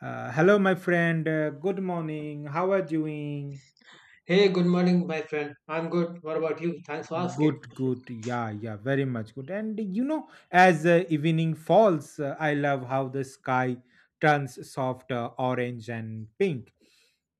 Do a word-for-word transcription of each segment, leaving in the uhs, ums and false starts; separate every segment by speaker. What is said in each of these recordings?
Speaker 1: Uh, hello, my friend. Uh, good morning. How are you doing?
Speaker 2: Hey, good morning, my friend. I'm good. What about you? Thanks for asking.
Speaker 1: Good, good. Yeah, yeah, very much good. And you know, as uh, evening falls, uh, I love how the sky turns soft uh, orange and pink.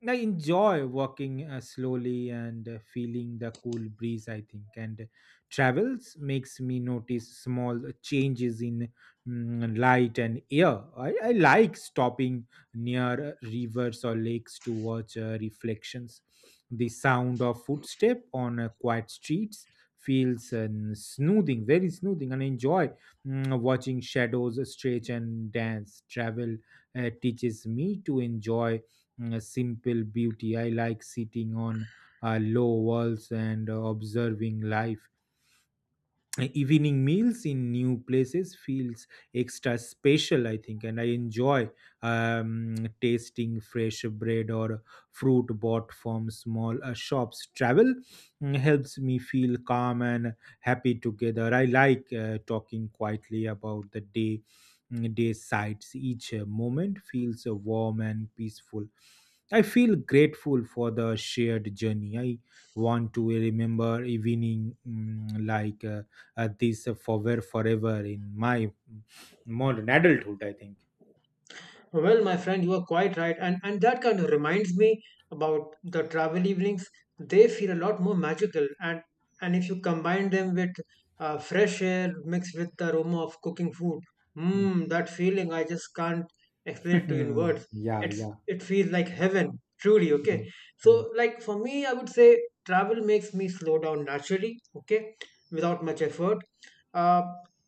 Speaker 1: And I enjoy walking uh, slowly and uh, feeling the cool breeze, I think. And travels makes me notice small changes in mm, light and air. I, I like stopping near uh, rivers or lakes to watch uh, reflections. The sound of footstep on uh, quiet streets feels and soothing, very soothing, and enjoy mm, watching shadows stretch and dance. Travel uh, teaches me to enjoy mm, simple beauty. I like sitting on uh, low walls and uh, observing life uh, evening meals in new places feels extra special, I think, and I enjoy um, tasting fresh bread or fruit bought from small uh, shops travel mm, helps me feel calm and happy together. I like uh, talking quietly about the day mm, day sights each uh, moment feels uh, warm and peaceful. I feel grateful for the shared journey. I want to remember evening mm, like uh, uh, these uh, for were forever in my modern adulthood, I think.
Speaker 2: Well, my friend, you are quite right. And and that kind of reminds me about the travel evenings. They feel a lot more magical. And and if you combine them with uh, fresh air mixed with the aroma of cooking food, mmm, that feeling I just can't explain it to you in
Speaker 1: Mm,
Speaker 2: words.
Speaker 1: yeah,
Speaker 2: It's
Speaker 1: yeah.
Speaker 2: it feels like heaven, truly, okay?
Speaker 1: Mm,
Speaker 2: So,
Speaker 1: hmm,
Speaker 2: like, for me, I would say travel makes me slow down naturally, okay, without much effort. Uh,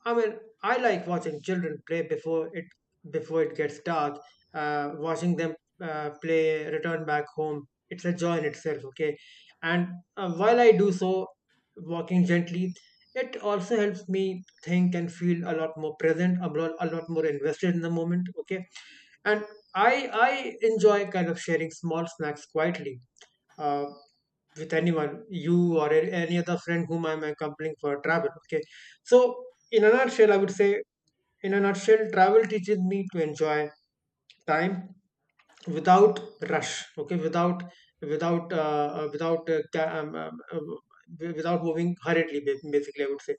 Speaker 2: I mean, I like watching children play before it before it gets dark, uh, watching them uh, play, return back home. It's a joy in itself, okay? And uh, while I do so, walking gently, it also helps me think and feel a lot more present, a lot, a lot more invested in the moment, okay? And i i enjoy kind of sharing small snacks quietly uh, with anyone, you or a- any other friend whom I'm accompanying for travel. Okay. So, in a nutshell, I would say, in a nutshell, travel teaches me to enjoy time without rush, okay, without without uh, uh, without uh, ca- um, um, uh, without moving hurriedly, ba- basically, I would say.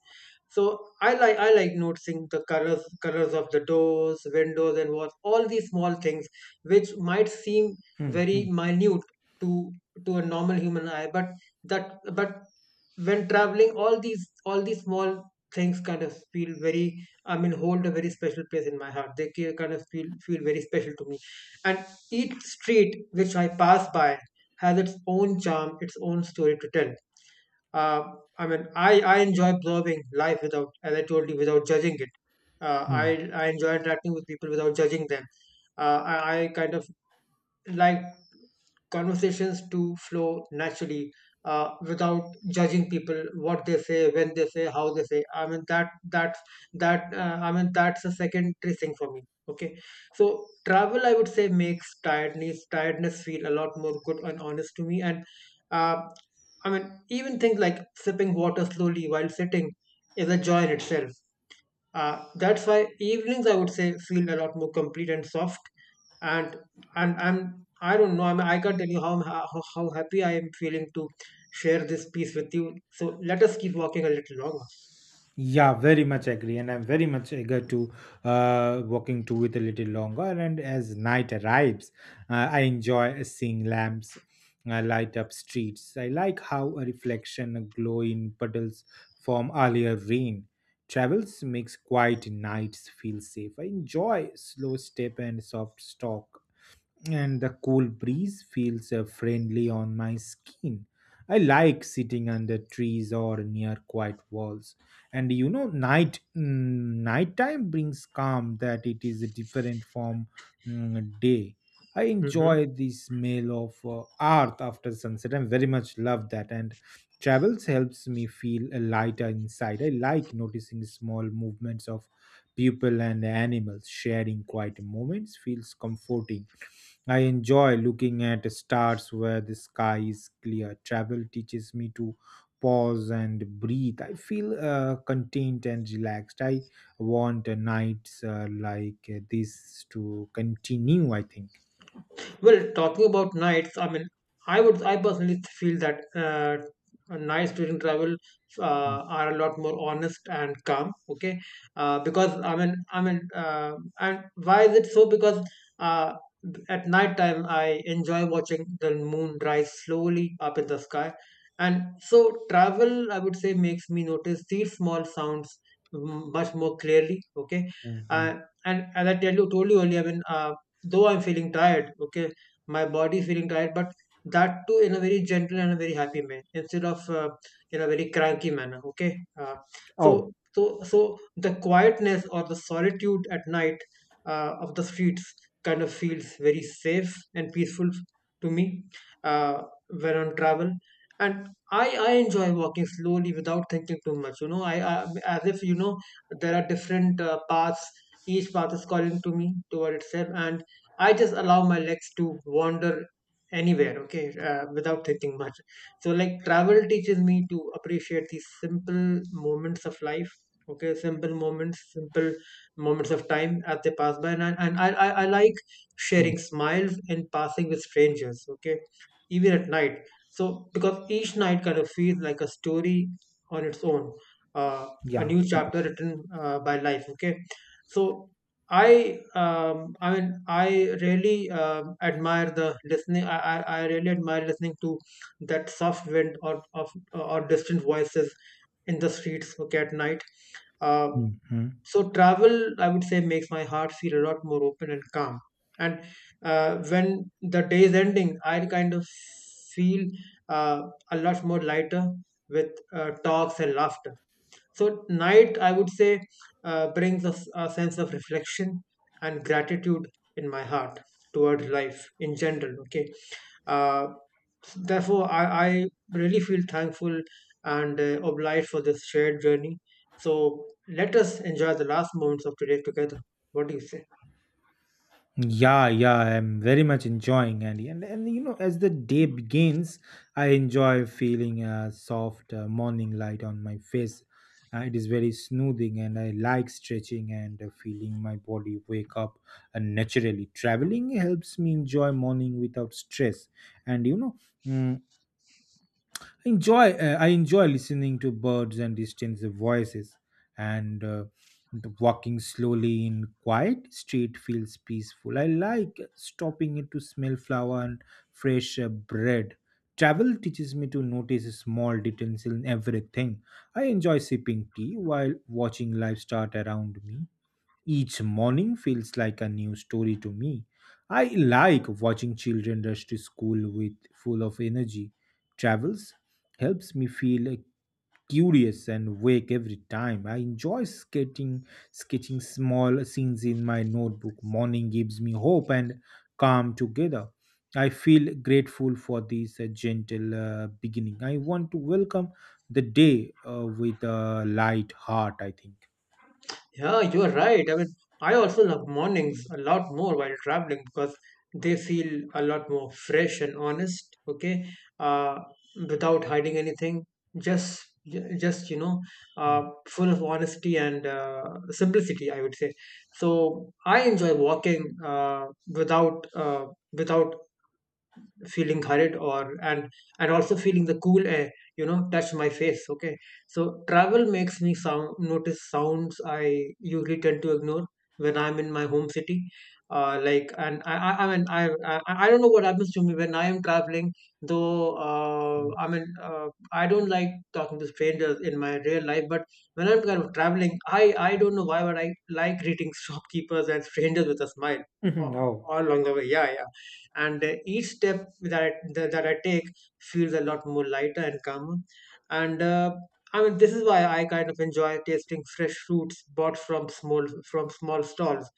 Speaker 2: So i like I like noticing the colors colors of the doors, windows and walls, all these small things which might seem
Speaker 1: hmm,
Speaker 2: very
Speaker 1: hmm.
Speaker 2: minute to to a normal human eye, but that but when traveling, all these all these small things kind of feel very, I mean, hold a very special place in my heart. They ca- kind of feel feel very special to me. And each street which I pass by has its own charm, its own story to tell. Uh, I mean, I, I enjoy observing life without, as I told you, without judging it. Uh,
Speaker 1: Hmm.
Speaker 2: I, I enjoy interacting with people without judging them. Uh, I, I kind of like conversations to flow naturally, uh, without judging people what they say, when they say, how they say. I mean, that that's that uh, I mean, that's a secondary thing for me, okay? So travel, I would say, makes tiredness tiredness feel a lot more good and honest to me. And uh, I mean, even things like sipping water slowly while sitting is a joy in itself. Uh, that's why evenings, I would say, feel a lot more complete and soft. And and I'm, I don't know, I mean, I can't tell you how how, how happy I am feeling to share this piece with you. So let us keep walking a little longer.
Speaker 1: Yeah, very much agree, and I'm very much eager to uh, walking to with a little longer. And as night arrives, uh, I enjoy seeing lamps uh, light up streets. I like how a reflection, a glow in puddles from earlier rain. Travels makes quiet nights feel safe. I enjoy slow step and soft talk, and the cool breeze feels uh, friendly on my skin. I like sitting under trees or near quiet walls. And you know, night mm, nighttime brings calm that it is different from mm, day. I
Speaker 2: Mhm.
Speaker 1: enjoy the smell of uh, earth after sunset. I very much love that. And travels helps me feel uh, lighter inside. I like noticing small movements of people and animals. Sharing quiet moments feels comforting. I enjoy looking at stars where the sky is clear. Travel teaches me to pause and breathe. I feel uh, content and relaxed. I want uh, nights uh, like uh, this to continue, I think.
Speaker 2: Well, talking about nights, I mean, I would, I personally feel that uh, nights during travel uh, are a lot more honest and calm. Okay, uh, because I mean, I mean, uh, and why is it so? Because uh, at night time, I enjoy watching the moon rise slowly up in the sky. And so travel, I would say, makes me notice these small sounds, mm, much more clearly. Okay,
Speaker 1: Mhm.
Speaker 2: uh, and as I tell you, told you earlier, I mean. Uh, though I'm feeling tired, okay, my body feeling tired, but that too in a very gentle and a very happy manner instead of uh, in a very cranky manner. Okay, uh,
Speaker 1: Oh,
Speaker 2: so so so the quietness or the solitude at night uh, of the streets kind of feels very safe and peaceful to me uh, when on travel. And I, I enjoy walking slowly without thinking too much. You know, I, I, as if you know, there are different uh, paths, each path is calling to me toward itself, and I just allow my legs to wander anywhere, okay, uh, without thinking much. So, like, travel teaches me to appreciate these simple moments of life, okay, simple moments, simple moments of time as they pass by. And, I, and I, I, I like
Speaker 1: mm,
Speaker 2: sharing smiles and passing with strangers, okay, even at night. So, because each night kind of feels like a story on its own, uh, a
Speaker 1: yeah,
Speaker 2: new chapter
Speaker 1: yeah.
Speaker 2: written uh, by life, okay. So, I um, I mean, I really um admire the listening. I, I I really admire listening to that soft wind, or of uh, or distant voices in the streets, okay, at night. Uh,
Speaker 1: Mhm.
Speaker 2: so travel, I would say, makes my heart feel a lot more open and calm. And uh, when the day is ending, I kind of feel uh, a lot more lighter with uh, talks and laughter. So night, I would say, uh, brings a, s- a sense of reflection and gratitude in my heart toward life in general, okay. Uh, therefore I, I really feel thankful and uh, obliged for this shared journey. So let us enjoy the last moments of today together. What do you say?
Speaker 1: Yeah, yeah, I'm very much enjoying, and and, and you know as the day begins, I enjoy feeling a soft uh, morning light on my face. Uh, it is very smoothing, and I like stretching and uh, feeling my body wake up uh, naturally. Traveling helps me enjoy morning without stress. And you know, mm, I enjoy uh, I enjoy listening to birds and distant voices, and uh, the walking slowly in quiet street feels peaceful. I like stopping it to smell flower and fresh uh, bread. Travel teaches me to notice small details in everything. I enjoy sipping tea while watching life start around me. Each morning feels like a new story to me. I like watching children rush to school with full of energy. Travels helps me feel uh, curious and wake every time. I enjoy skating, sketching small scenes in my notebook. Morning gives me hope and calm together. I feel grateful for this uh, gentle uh, beginning. I want to welcome the day uh, with a light heart, I think.
Speaker 2: Yeah, you are right. I mean, I also love mornings a lot more while traveling because they feel a lot more fresh and honest. Okay, uh, without hiding anything, just just, you know, uh,
Speaker 1: Mm,
Speaker 2: full of honesty and uh, simplicity, I would say. So I enjoy walking uh, without uh, without feeling hurried or and and also feeling the cool air, you know, touch my face, okay. So travel makes me sound notice sounds I usually tend to ignore when I'm in my home city. Uh, like and I, I I mean, I, I I don't know what happens to me when I am traveling. Though uh,
Speaker 1: mm.
Speaker 2: I mean, uh, I don't like talking to strangers in my real life, but when I'm kind of traveling, I I don't know why, but I like greeting shopkeepers and strangers with a smile
Speaker 1: Mhm.
Speaker 2: all,
Speaker 1: Oh,
Speaker 2: all along the way. Yeah, yeah. And uh, each step that I, that, that I take feels a lot more lighter and calmer. And uh, I mean, this is why I kind of enjoy tasting fresh fruits bought from small from small stalls.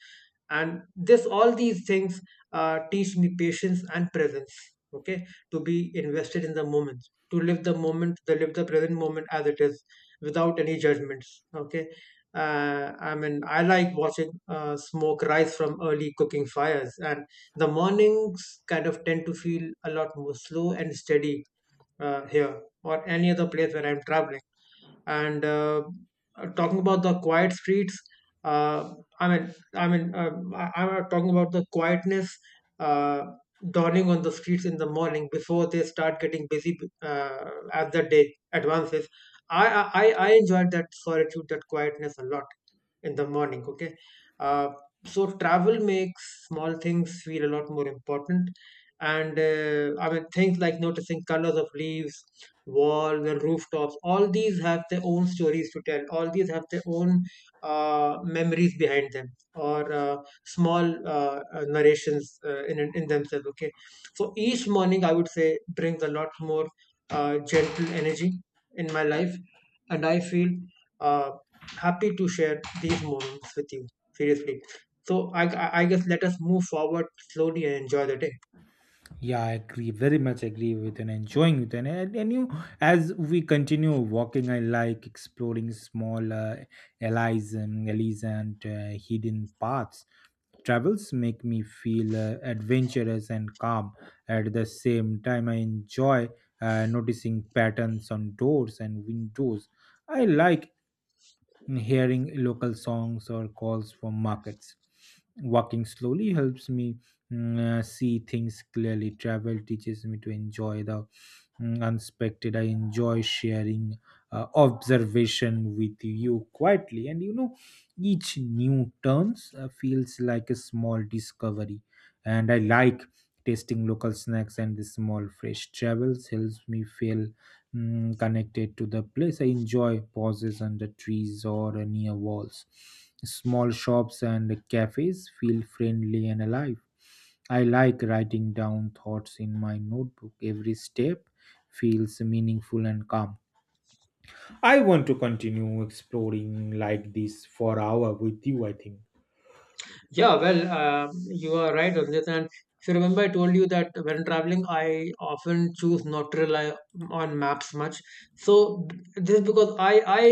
Speaker 2: And this all these things uh, teach me patience and presence, okay, to be invested in the moment, to live the moment, to live the present moment as it is, without any judgments, okay? uh, I mean, I like watching uh, smoke rise from early cooking fires. And the mornings kind of tend to feel a lot more slow and steady, uh, here or any other place where I'm traveling. And uh, uh, talking about the quiet streets, uh, i mean i mean uh, I, I'm talking about the quietness uh, dawning on the streets in the morning before they start getting busy, uh, as the day advances. I, I i i enjoyed that solitude, that quietness a lot in the morning, okay. uh, so travel makes small things feel a lot more important. And uh, I mean, things like noticing colors of leaves, walls and rooftops, all these have their own stories to tell, all these have their own uh, memories behind them, or uh, small uh, uh, narrations uh, in in themselves, okay. So each morning, I would say, brings a lot more uh, gentle energy in my life. And I feel uh, happy to share these moments with you, seriously. So I, I I guess let us move forward slowly and enjoy the day.
Speaker 1: yeah, I agree. Very much agree with and enjoying with, and, and and you as we continue walking, I like exploring small uh, alleys and alleys and uh, hidden paths. Travels make me feel uh, adventurous and calm. At the same time, I enjoy uh, noticing patterns on doors and windows. I like hearing local songs or calls from markets. Walking slowly helps me mm, uh, see things clearly. Travel teaches me to enjoy the mm, unexpected. I enjoy sharing uh, observation with you quietly, and you know, each new turns uh, feels like a small discovery. And I like tasting local snacks and the small fresh travels helps me feel mm, connected to the place. I enjoy pauses under trees or uh, near walls. Small shops and cafes feel friendly and alive. I like writing down thoughts in my notebook. Every step feels meaningful and calm. I want to continue exploring like this for hour with you, I think.
Speaker 2: Yeah, well, um you are right, Rajat. And if you remember, I told you that when traveling, I often choose not to rely on maps much. So this is because I I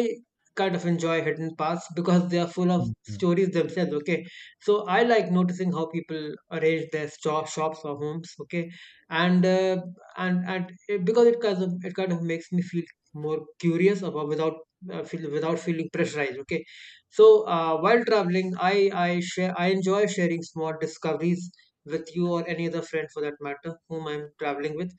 Speaker 2: kind of enjoy hidden paths because they are full of stories themselves. Okay, so I like noticing how people arrange their shop, shops or homes. Okay, and uh, and and it, because it kind of, it kind of makes me feel more curious about, without uh, feel, without feeling pressurized. Okay, so uh, while traveling, I I share I enjoy sharing small discoveries with you or any other friend for that matter whom I'm traveling with.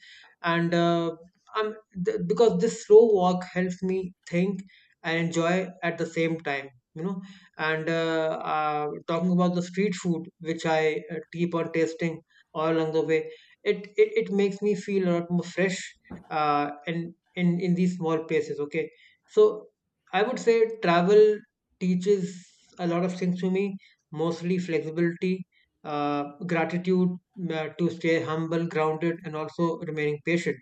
Speaker 2: And uh, I'm th- because this slow walk helps me think and enjoy at the same time. You know, and uh, uh, talking about the street food which I uh, keep on tasting all along the way, it it, it makes me feel a lot more fresh uh, in in in these small places. Okay, so I would say travel teaches a lot of things to me, mostly flexibility, uh, gratitude, uh, to stay humble, grounded, and also remaining patient.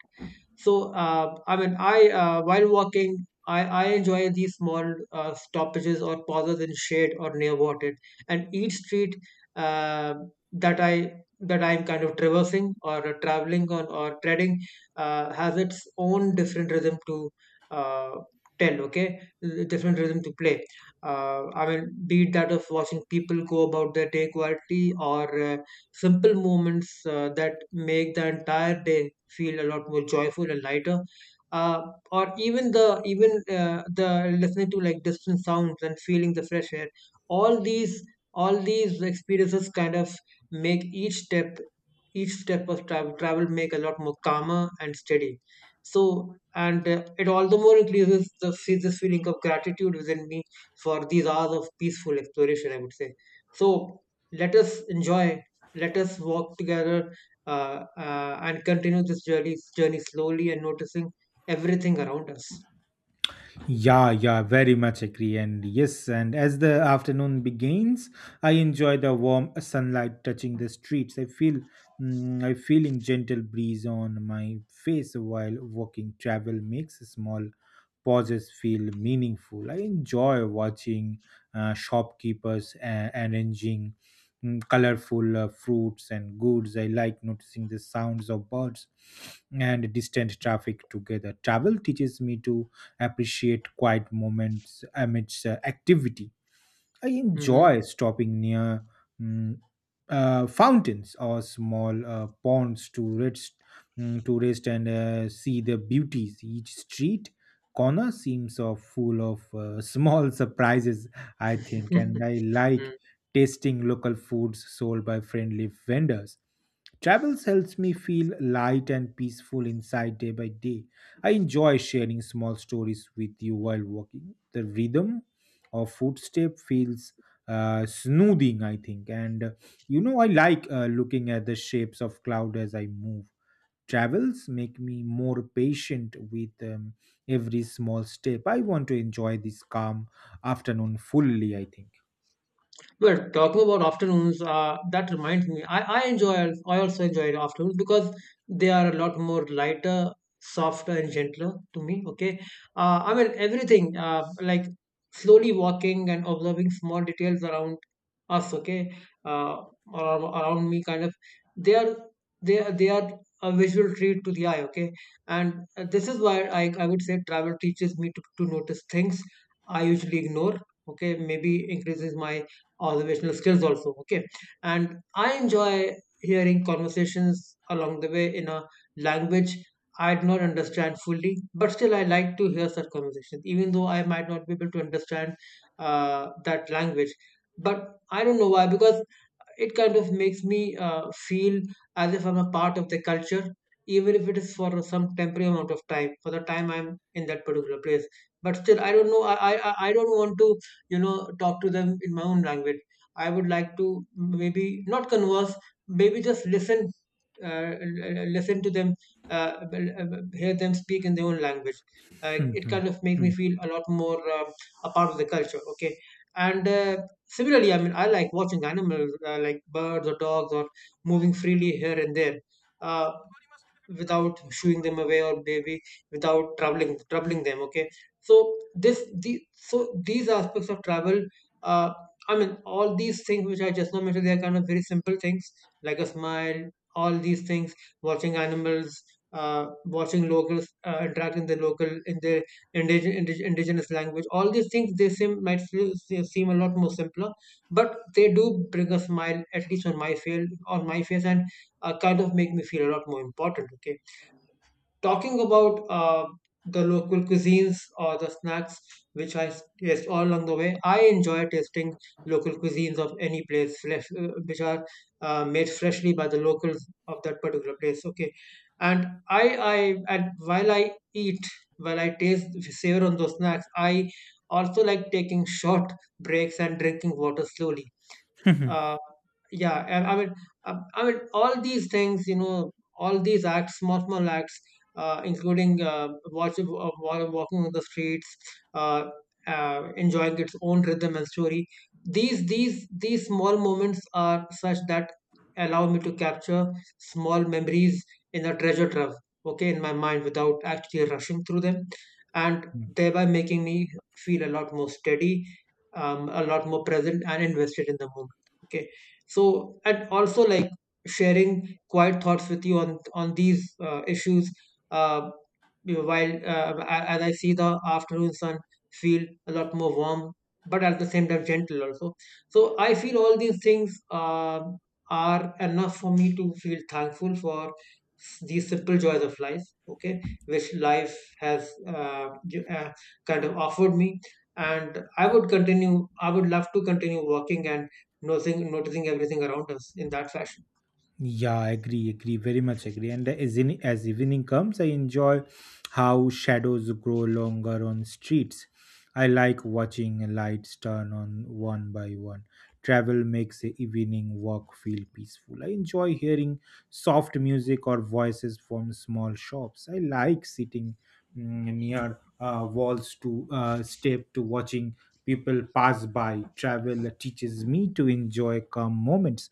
Speaker 2: So uh, I mean, I uh, while walking, I, I enjoy these small uh, stoppages or pauses in shade or near water. And each street uh, that I that I'm kind of traversing or uh, traveling on or treading uh, has its own different rhythm to uh, tell. Okay, different rhythm to play. Uh, I mean, be it that of watching people go about their day quietly, or uh, simple moments uh, that make the entire day feel a lot more joyful and lighter, uh, or even the even uh, the listening to like distant sounds and feeling the fresh air. All these all these experiences kind of make each step each step of travel travel make a lot more calmer and steady. So and uh, it all the more increases the fe- this feeling of gratitude within me for these hours of peaceful exploration, I would say. So let us enjoy, let us walk together, uh, uh, and continue this journey, journey slowly and noticing everything around us.
Speaker 1: Yeah, yeah, very much agree. And yes, and as the afternoon begins, I enjoy the warm sunlight touching the streets. I feel mm, I feeling gentle breeze on my face while walking. Travel makes small pauses feel meaningful. I enjoy watching uh, shopkeepers uh, arranging mm, colorful uh, fruits and goods. I like noticing the sounds of birds and distant traffic together. Travel teaches me to appreciate quiet moments amidst uh, activity. I
Speaker 2: Hmm.
Speaker 1: enjoy stopping near mm, uh, fountains or small uh, ponds to rest, mm, to rest and uh, see the beauties. Each street corner seems so full of uh, small surprises, I think, and I like tasting local foods sold by friendly vendors. Travels helps me feel light and peaceful inside day by day. I enjoy sharing small stories with you while walking. The rhythm of footstep feels uh, smoothing, I think. And uh, you know, I like uh, looking at the shapes of cloud as I move. Travels make me more patient with um, every small step. I want to enjoy this calm afternoon fully, I
Speaker 2: Well, talking about afternoons, uh, that reminds me, I, I enjoy, I also enjoy afternoons because they are a lot more lighter, softer, and gentler to me. Okay. Uh, I mean, everything, uh, like slowly walking and observing small details around us, okay, uh, or around me, kind of, they are, they are, they are a visual treat to the eye, okay. And uh, this is why I, I would say travel teaches me to, to notice things I usually ignore. Okay, maybe increases my observational skills also, okay. And I enjoy hearing conversations along the way in a language I do not understand fully, but still I like to hear such conversations even though I might not be able to understand uh, that language. But I don't know why, because it kind of makes me uh, feel as if I'm a part of the culture, even if it is for some temporary amount of time, for the time I'm in that particular place. But still, I don't know. I I, I I don't want to, you know, talk to them in my own language. I would like to maybe not converse, maybe just listen, uh, l- l- listen to them, uh, b- l- hear them speak in their own language. Uh, it kind of makes me feel a lot more uh, a part of the culture. Okay. And. Uh, Similarly, I mean, I like watching animals, uh, like birds or dogs or moving freely here and there. Uh, Without shooing them away, or maybe without troubling troubling them, okay. So this the so these aspects of travel, uh, I mean all these things which I just now mentioned, they are kind of very simple things, like a smile, all these things, watching animals, uh, watching locals uh, interact in the local in their indigenous, indigenous language, all these things, they seem might feel, se- seem a lot more simpler, but they do bring a smile at least on my face on my face, and uh, kind of make me feel a lot more important. Okay. Talking about uh, the local cuisines or the snacks which I taste all along the way, I enjoy tasting local cuisines of any place, fresh, uh, which are uh, made freshly by the locals of that particular place. Okay, and I I and while I eat, while I taste, savor on those snacks, I also like taking short breaks and drinking water slowly.
Speaker 1: think.
Speaker 2: Uh, yeah, and I mean, uh, I mean, all these things, you know, all these acts, small small acts, uh, including uh, watch, uh, wa- walking on the streets, uh, uh, enjoying its own rhythm and story, these these these small moments are such that allow me to capture small memories in a treasure trove, okay, in my mind without actually rushing through them, and thereby making me feel a lot more steady, um, a lot more present and invested in the moment, okay. So, and also like sharing quiet thoughts with you on on these uh, issues. Uh, you know, while uh, a- as I see the afternoon sun feel a lot more warm, but at the same time gentle also. So I feel all these things um are enough for me to feel thankful for s- these simple joys of life. Okay, which life has uh, gi- uh, kind of offered me. And I would continue, I would love to continue working and noticing noticing everything around us in that fashion.
Speaker 1: Yeah, I agree, agree, very much agree. And as, in, as evening comes, I enjoy how shadows grow longer on streets. I like watching lights turn on one by one. Travel makes a evening walk feel peaceful. I enjoy hearing soft music or voices from small shops. I like sitting mm, near uh, walls to uh, step to watching people pass by. Travel teaches me to enjoy calm moments.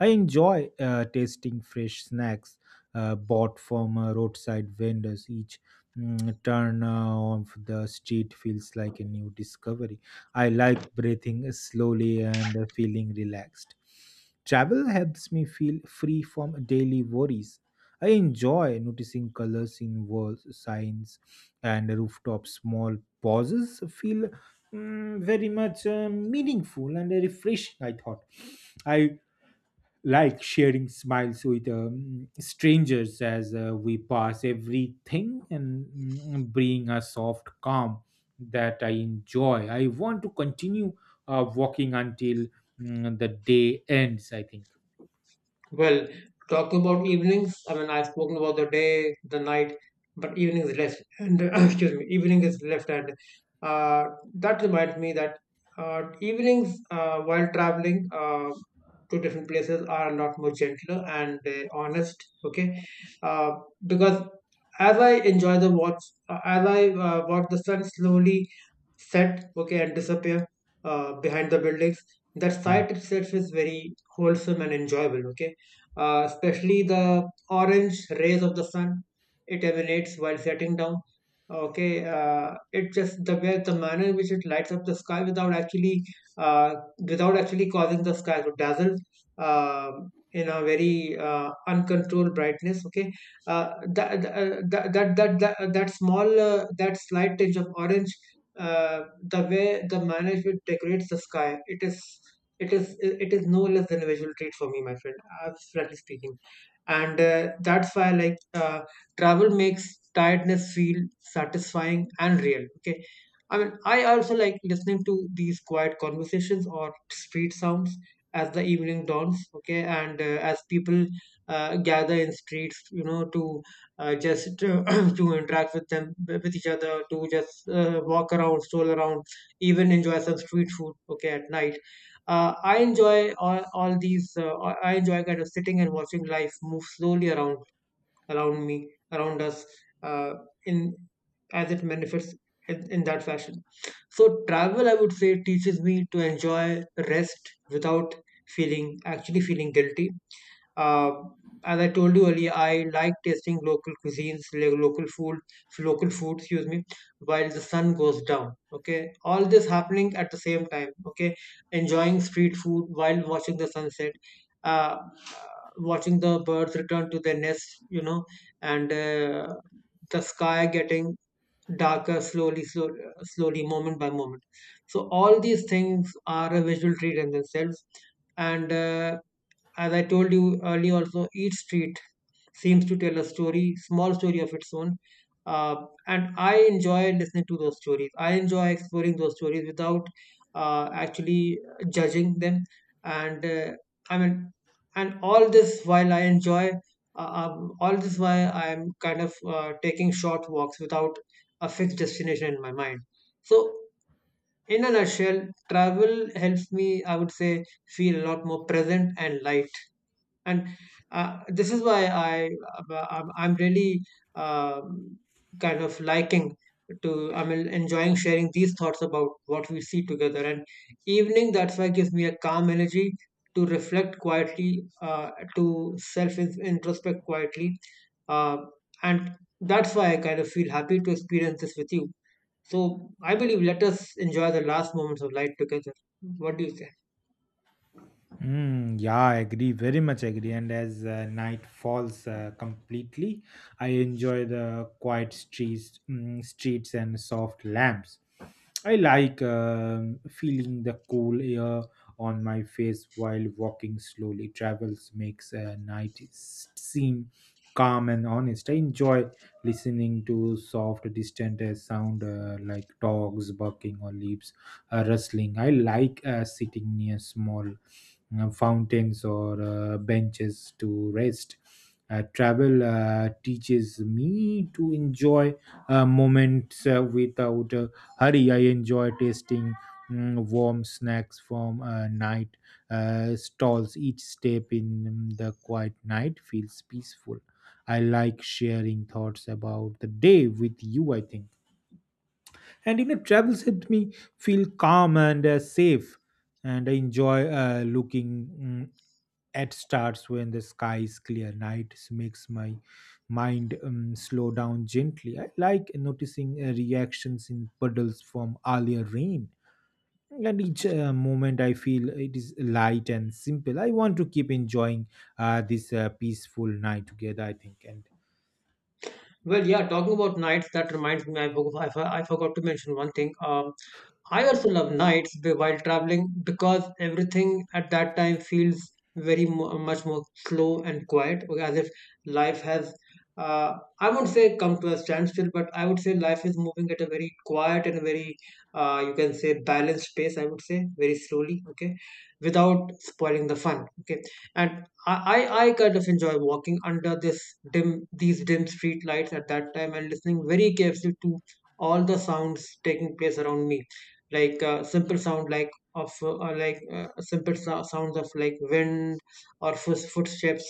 Speaker 1: I enjoy uh, tasting fresh snacks uh, bought from uh, roadside vendors. Each mm, turn uh, of the street feels like a new discovery. I like breathing slowly and uh, feeling relaxed. Travel helps me feel free from daily worries. I enjoy noticing colors in walls, signs, and rooftop. Small pauses feel mm, very much uh, meaningful and refreshing. I thought I like sharing smiles with um, strangers as uh, we pass everything and mm, bring a soft calm that I enjoy. I want to continue uh, walking until mm, the day ends, I think.
Speaker 2: Well, talking about evenings, I mean, I've spoken about the day, the night, but evening is left. And excuse me, evening is left. And uh, that reminds me that uh, evenings uh, while traveling uh, to different places are a lot more gentler and uh, honest. Okay, uh, because as I enjoy the watch, uh, as I uh, watch the sun slowly set, okay, and disappear uh, behind the buildings, that sight itself is very wholesome and enjoyable. Okay, uh, especially the orange rays of the sun it emanates while setting down, okay. uh, it just The way, the manner in which it lights up the sky without actually uh, without actually causing the sky to dazzle um in a very uh, uncontrolled brightness, okay. uh, that, that, that that that that small uh, That slight tinge of orange, uh, the way the manner in which it decorates the sky, it is it is it is no less than a visual trait for me, my friend, uh, frankly speaking. And uh, that's why, like, uh, travel makes tiredness feel satisfying and real, okay. I mean, I also like listening to these quiet conversations or street sounds as the evening dawns, okay. And uh, as people uh, gather in streets, you know, to uh, just to, to interact with them, with each other, to just uh, walk around, stroll around, even enjoy some street food, okay, at night. uh, I enjoy all, all these. Uh, I I enjoy kind of sitting and watching life move slowly around around me, around us, uh, in as it manifests in, in that fashion. So travel, I would say, teaches me to enjoy rest without feeling actually feeling guilty. uh, as I told you earlier, I like tasting local cuisines, like local food, local food, excuse me, while the sun goes down. Okay, all this happening at the same time. Okay, enjoying street food while watching the sunset, uh, watching the birds return to their nests, you know, and uh, the sky getting darker slowly, slowly, slowly, moment by moment. So all these things are a visual treat in themselves. And uh, as I told you earlier, also each street seems to tell a story, small story of its own. Uh, and I enjoy listening to those stories. I enjoy exploring those stories without uh, actually judging them. And uh, I mean, and all this while I enjoy, uh, um, all this while I'm kind of uh, taking short walks without a fixed destination in my mind. So, in a nutshell, travel helps me, I would say, feel a lot more present and light, and uh, this is why I uh, I'm I'm really um, kind of liking to I'm enjoying sharing these thoughts about what we see together. And evening, that's why, gives me a calm energy to reflect quietly, uh, to self introspect quietly, uh, and that's why I kind of feel happy to experience this with you. So I believe, let us enjoy the last moments of light together. What do you say?
Speaker 1: Mm, yeah, I agree, very much agree. And as uh, night falls uh, completely, I enjoy the quiet streets, mm, streets and soft lamps. I like um, feeling the cool air on my face while walking slowly. Travels makes a night s- seem calm and honest. I enjoy listening to soft, distant uh, sound uh, like dogs barking or leaves uh, rustling. I like uh, sitting near small uh, fountains or uh, benches to rest. Uh, travel uh, teaches me to enjoy uh, moments uh, without uh, hurry. I enjoy tasting mm, warm snacks from uh, night uh, stalls. Each step in the quiet night feels peaceful. I like sharing thoughts about the day with you, I think. And you know, travels helped me feel calm and uh, safe. And I enjoy uh, looking mm, at stars when the sky is clear. Nights makes my mind um, slow down gently. I like noticing uh, reactions in puddles from earlier rain. At each uh, moment I feel it is light and simple. I want to keep enjoying uh, this uh, peaceful night together, I think. And
Speaker 2: Well, yeah, talking about nights, that reminds me, I, forgo- I, for- I forgot to mention one thing. Um, I also love nights be- while traveling, because everything at that time feels very mo- much more slow and quiet, okay, as if life has, uh, I won't say come to a standstill, but I would say life is moving at a very quiet and very, uh, you can say, balanced pace, I would say, very slowly, okay, without spoiling the fun, okay. And I, I, I kind of enjoy walking under this dim, these dim street lights at that time, and listening very carefully to all the sounds taking place around me, like uh, simple sound like of uh, or like uh, simple so- sounds of like wind or foot footsteps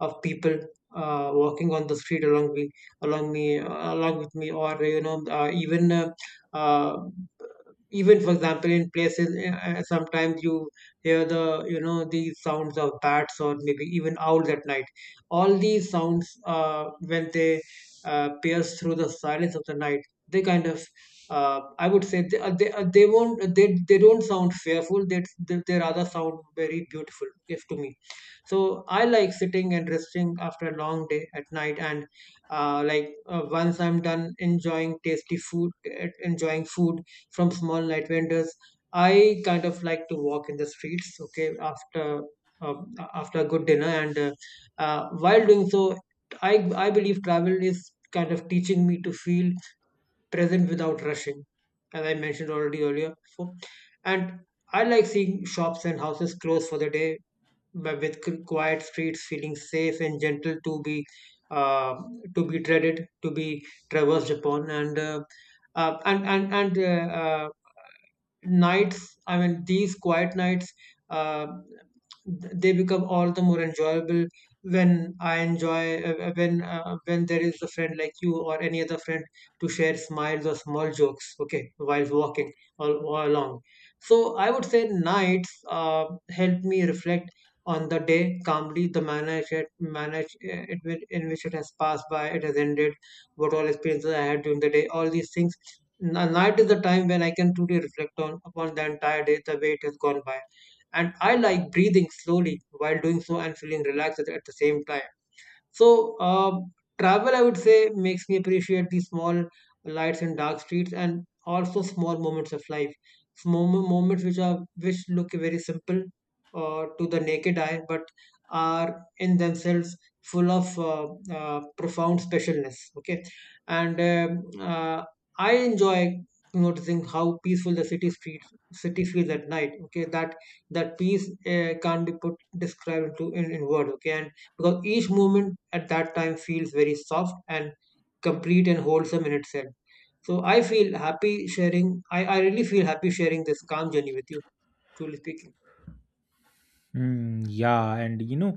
Speaker 2: of people uh, walking on the street along me along me uh, along with me, or you know, uh, even uh, uh, even, for example, in places, eh, eh, sometimes you hear the you know the sounds of bats or maybe even owls at night. All these sounds, uh, when they uh, pierce through the silence of the night, they kind of uh, I would say they, uh, they, uh, they won't uh, they, they don't sound fearful, they, they they rather sound very beautiful, if to me. So I like sitting and resting after a long day at night, and uh, like uh, once I'm done enjoying tasty food eh, enjoying food from small night vendors, I kind of like to walk in the streets, okay, after uh, after a good dinner. And uh, uh, while doing so, I I believe travel is kind of teaching me to feel present without rushing, as I mentioned already earlier. So, and I like seeing shops and houses close for the day, but with qu- quiet streets feeling safe and gentle to be uh, to be treaded, to be traversed upon, and uh, uh, and and and uh, uh, nights, i mean these quiet nights uh, th- they become all the more enjoyable when I enjoy uh, uh, when uh, when there is a friend like you or any other friend to share smiles or small jokes, okay, while walking all, all along. So I would say nights uh, help me reflect on the day calmly, the manner it manage uh, it will- in which it has passed by, it has ended, what all experiences I had during the day, all these things. N- night is the time when I can truly reflect on upon the entire day, the way it has gone by. And I like breathing slowly while doing so and feeling relaxed at the same time. So, uh, Travel, I would say, makes me appreciate the small lights and dark streets, and also small moments of life, small mo- moments which are which look very simple uh, to the naked eye, but are in themselves full of uh, uh, profound specialness. Okay, and um, uh, I enjoy noticing how peaceful the city streets city feels at night. Okay, that that peace uh, can't be put described into in, in word. Okay, and because each movement at that time feels very soft and complete and wholesome in itself. So I feel happy sharing. I, I really feel happy sharing this calm journey with you, truly speaking.
Speaker 1: mm, yeah, and you know,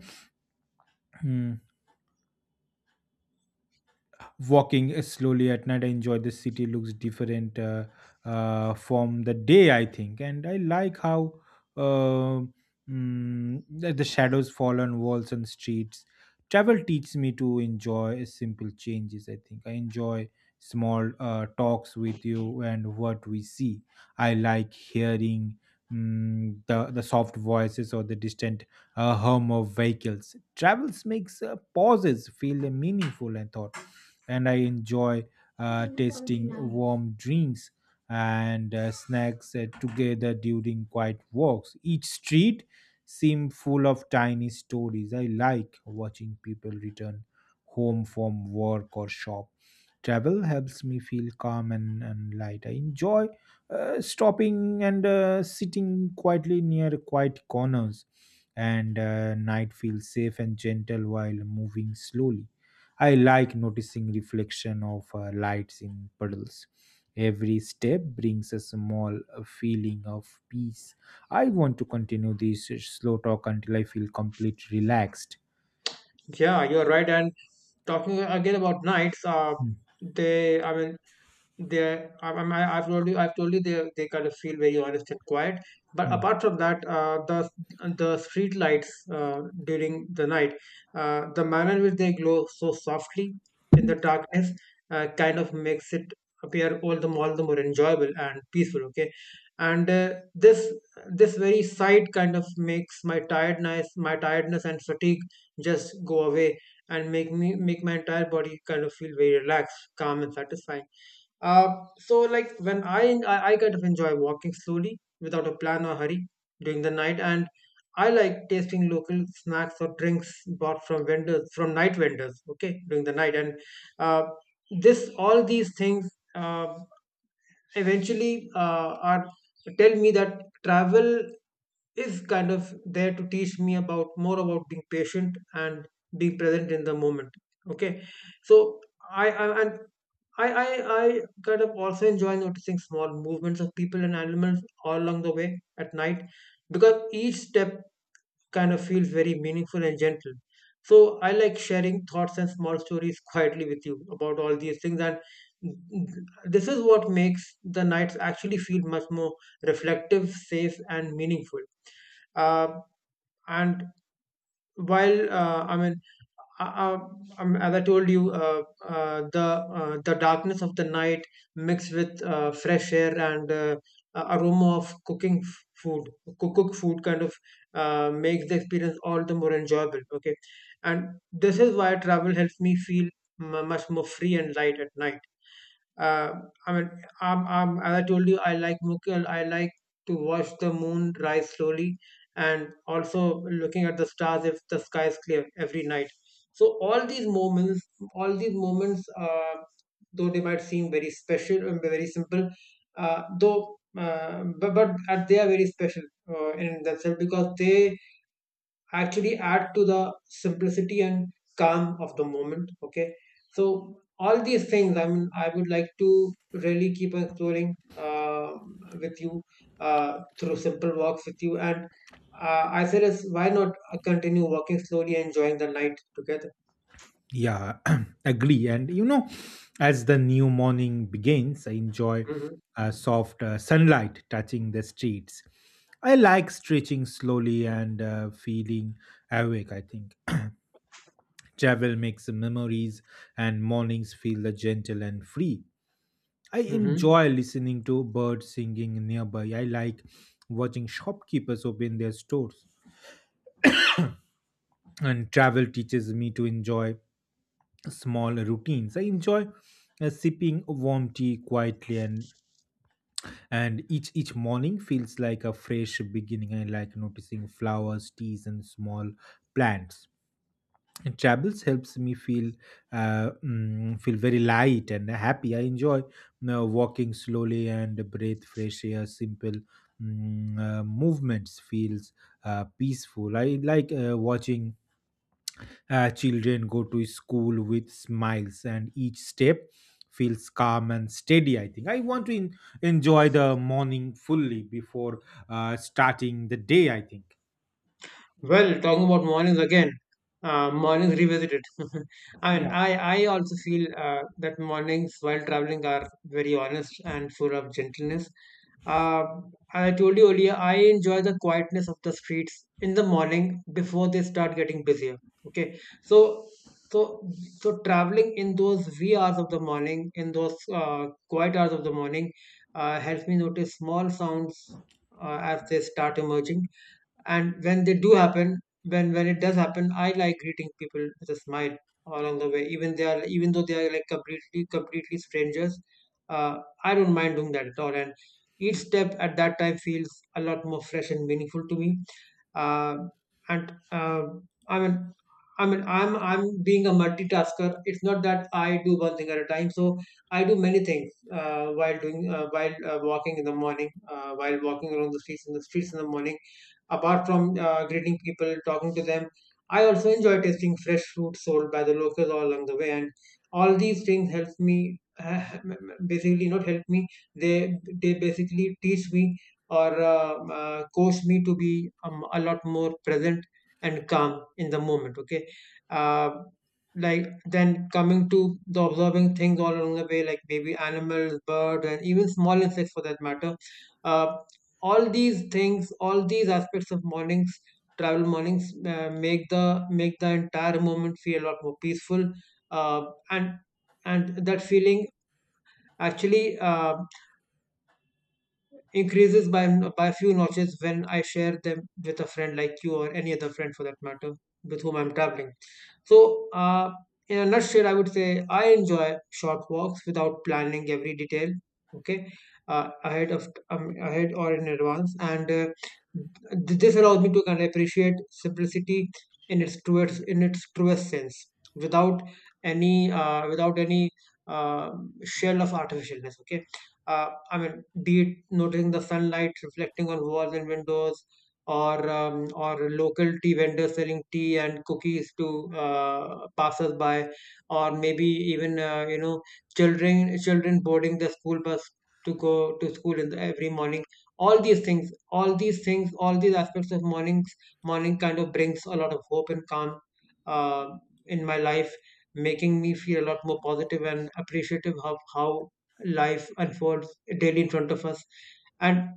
Speaker 1: walking slowly at night I enjoy the city looks different uh, uh, from the day, I think. And I like how uh, mm, the the shadows fall on walls and streets. Travel teaches me to enjoy simple changes, I think. I enjoy small uh, talks with you and what we see. I like hearing mm, the the soft voices or the distant uh, hum of vehicles. Travels makes uh, pauses feel meaningful and thought. And I enjoy uh, tasting warm drinks and uh, snacks uh, together during quiet walks. Each street seemed full of tiny stories. I like watching people return home from work or shop. Travel helps me feel calm and, and light. I enjoy uh, stopping and uh, sitting quietly near quiet corners, and uh, night feels safe and gentle while moving slowly. I like noticing reflection of uh, lights in puddles. Every step brings a small uh, feeling of peace. I want to continue this uh, slow talk until I feel complete relaxed.
Speaker 2: Yeah, you're right. And talking again about knights, uh,
Speaker 1: Hmm.
Speaker 2: they, I mean, they, I, I, I've told you, I've told you, they, they kind of feel very honest and quiet. But
Speaker 1: Hmm.
Speaker 2: apart from that, uh, the the street lights uh, during the night, uh, the manner in which they glow so softly in the darkness, uh, kind of makes it appear all the more, all the more enjoyable and peaceful. Okay, and uh, this this very sight kind of makes my tiredness, my tiredness and fatigue just go away and make me make my entire body kind of feel very relaxed, calm, and satisfying. Uh, so like when I, I I kind of enjoy walking slowly without a plan or hurry during the night, and I like tasting local snacks or drinks bought from vendors from night vendors. Okay, during the night, and uh, this all these things. Uh, eventually uh, are tell me that travel is kind of there to teach me about more about being patient and being present in the moment. Okay, so I, I and I, I I kind of also enjoy noticing small movements of people and animals all along the way at night, because each step kind of feels very meaningful and gentle. So I like sharing thoughts and small stories quietly with you about all these things, and this is what makes the nights actually feel much more reflective, safe, and meaningful. Uh, and while uh, I mean, uh, uh, um, as I told you, uh, uh, the uh, the darkness of the night mixed with uh, fresh air and uh, a- aroma of cooking f- food, cook, cook food kind of uh, makes the experience all the more enjoyable. Okay, and this is why travel helps me feel m- much more free and light at night. uh, I mean, um, um, as I told you, I like Mughal. I like to watch the moon rise slowly and also looking at the stars if the sky is clear every night. So all these moments, all these moments, uh, though they might seem very special and very simple, uh, though uh, but, but uh, they are very special uh, in themselves, because they actually add to the simplicity and calm of the moment. Okay, so all these things, I mean, I would like to really keep exploring uh, with you uh, through simple walks with you. And uh, I said, is why not uh, continue walking slowly enjoying the night together.
Speaker 1: Yeah, agree. And you know, as the new morning begins, I enjoy
Speaker 2: Hmm.
Speaker 1: uh, soft uh, sunlight touching the streets. I like stretching slowly and uh, feeling awake, I think. Travel makes memories, and mornings feel the gentle and free. I
Speaker 2: Hmm.
Speaker 1: enjoy listening to birds singing nearby. I like watching shopkeepers open their stores. And travel teaches me to enjoy small routines. I enjoy uh, sipping warm tea quietly, and and each each morning feels like a fresh beginning. I like noticing flowers, teas, and small plants. And travels helps me feel uh, mm, feel very light and happy. I enjoy uh, walking slowly and breathe fresh air. Simple mm, uh, movements feels uh, peaceful. I like uh, watching uh, children go to school with smiles, and each step feels calm and steady, I think. I want to en- enjoy the morning fully before uh, starting the day, I think.
Speaker 2: Well, talking about mornings again, uh, mornings revisited. I mean, I, I also feel uh, that mornings while traveling are very honest and full of gentleness. Uh, I told you earlier, I enjoy the quietness of the streets in the morning before they start getting busier. Okay, so so so traveling in those wee hours of the morning, in those uh, quiet hours of the morning, uh, helps me notice small sounds uh, as they start emerging. And when they do happen, when when it does happen, I like greeting people with a smile along the way, even they are even though they are like completely completely strangers. uh, I don't mind doing that at all, and each step at that time feels a lot more fresh and meaningful to me. Uh, and uh, I mean I mean, I'm I'm being a multitasker. It's not that I do one thing at a time. So I do many things uh, while doing uh, while uh, walking in the morning, uh, while walking along the streets in the streets in the morning. Apart from uh, greeting people, talking to them, I also enjoy tasting fresh fruit sold by the locals all along the way. And all these things help me, basically not help me, they, they basically teach me, or uh, uh, coach me to be um, a lot more present and calm in the moment. Okay. Uh, like then coming to the observing things all along the way, like maybe animals, birds, and even small insects for that matter. Uh, all these things, all these aspects of mornings, travel mornings uh, make the make the entire moment feel a lot more peaceful. uh, and and that feeling actually uh, increases by by a few notches when I share them with a friend like you or any other friend for that matter with whom I'm traveling. So, uh, in a nutshell, I would say I enjoy short walks without planning every detail. Okay, uh, ahead of um, ahead or in advance, and uh, th- this allows me to kind of appreciate simplicity in its truest, in its truest sense, without any uh, without any uh, shell of artificialness. Okay, uh, I mean, be it noticing the sunlight reflecting on walls and windows, or um, or local tea vendors selling tea and cookies to uh, passers-by, or maybe even uh, you know children children boarding the school bus to go to school in the, every morning. All these things, all these things, all these aspects of mornings, morning kind of brings a lot of hope and calm uh, in my life, making me feel a lot more positive and appreciative of how life unfolds daily in front of us. And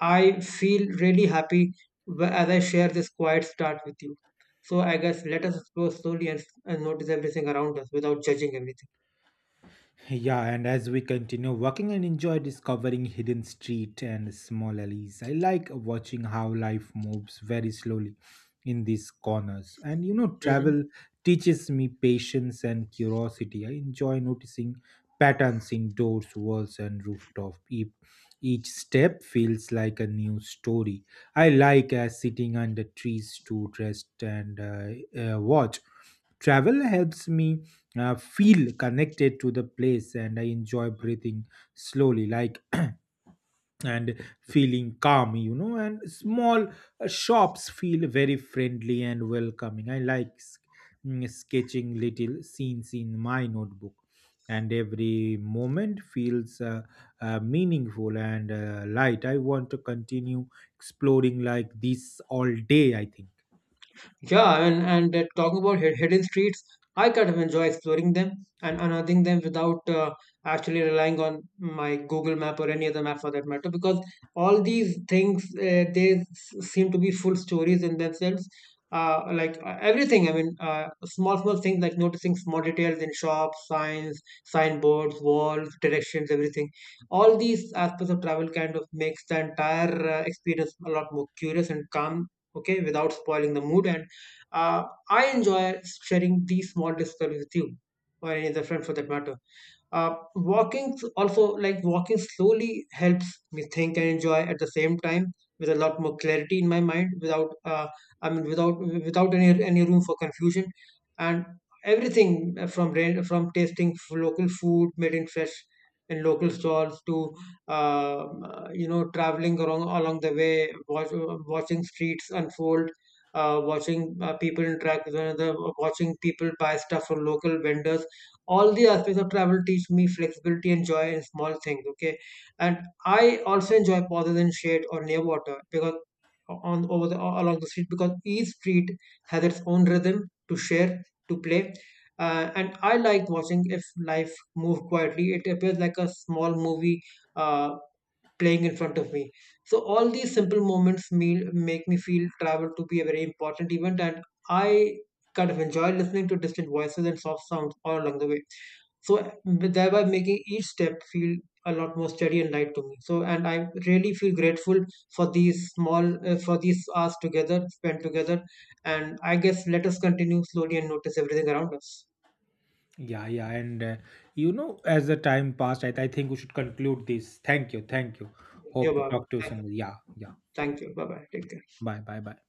Speaker 2: I feel really happy Wh- as I share this quiet start with you. So I guess let us explore slowly and, and notice everything around us without judging everything.
Speaker 1: Yeah, and as we continue walking and enjoy discovering hidden street and small alleys, I like watching how life moves very slowly in these corners. And you know,
Speaker 2: Mhm.
Speaker 1: travel teaches me patience and curiosity. I enjoy noticing patterns in doors, walls, and rooftop. Each, each step feels like a new story. I like uh, sitting under trees to rest and uh, uh, watch. Travel helps me uh, feel connected to the place, and I enjoy breathing slowly like and feeling calm, you know, and small uh, shops feel very friendly and welcoming. I like s- mm, sketching little scenes in my notebook, and every moment feels uh, uh, meaningful and uh, light. I want to continue exploring like this all day, I think.
Speaker 2: Yeah, and, and uh, talking about hid- hidden streets, I kind of enjoy exploring them and unearthing them without uh, actually relying on my Google map or any other map for that matter, because all these things, uh, they s- seem to be full stories in themselves. Uh, like uh, everything, I mean, uh, small, small things like noticing small details in shops, signs, signboards, walls, directions, everything. All these aspects of travel kind of makes the entire uh, experience a lot more curious and calm, okay, without spoiling the mood. And uh, I enjoy sharing these small discoveries with you or any other friend for that matter. Uh, walking s- also Like walking slowly helps me think and enjoy at the same time with a lot more clarity in my mind, without uh, i mean without without any any room for confusion. And everything, uh, from ra- from tasting f- local food made in fresh in local stalls, to um, uh, you know traveling along along the way, watch, watching streets unfold, uh, watching uh, people interact with one another, watching people buy stuff from local vendors, all the aspects of travel teach me flexibility and joy in small things. Okay, and I also enjoy pauses in shade or near water, because on over the along the street, because each street has its own rhythm to share, to play. Uh, and I like watching if life move quietly, it appears like a small movie uh, playing in front of me. So all these simple moments me, make me feel travel to be a very important event, and I kind of enjoy listening to distant voices and soft sounds all along the way. So thereby making each step feel a lot more steady and light to me. So and I really feel grateful for these small uh, for these hours together spent together. And I guess let us continue slowly and notice everything around us.
Speaker 1: Yeah, yeah, and uh, you know, as the time passed, I, I think we should conclude this. Thank you, thank you.
Speaker 2: Yeah,
Speaker 1: Hope to
Speaker 2: Bob.
Speaker 1: talk to you
Speaker 2: Thank
Speaker 1: soon. Yeah, yeah.
Speaker 2: Thank you. Bye bye. Take care.
Speaker 1: Bye, bye, bye.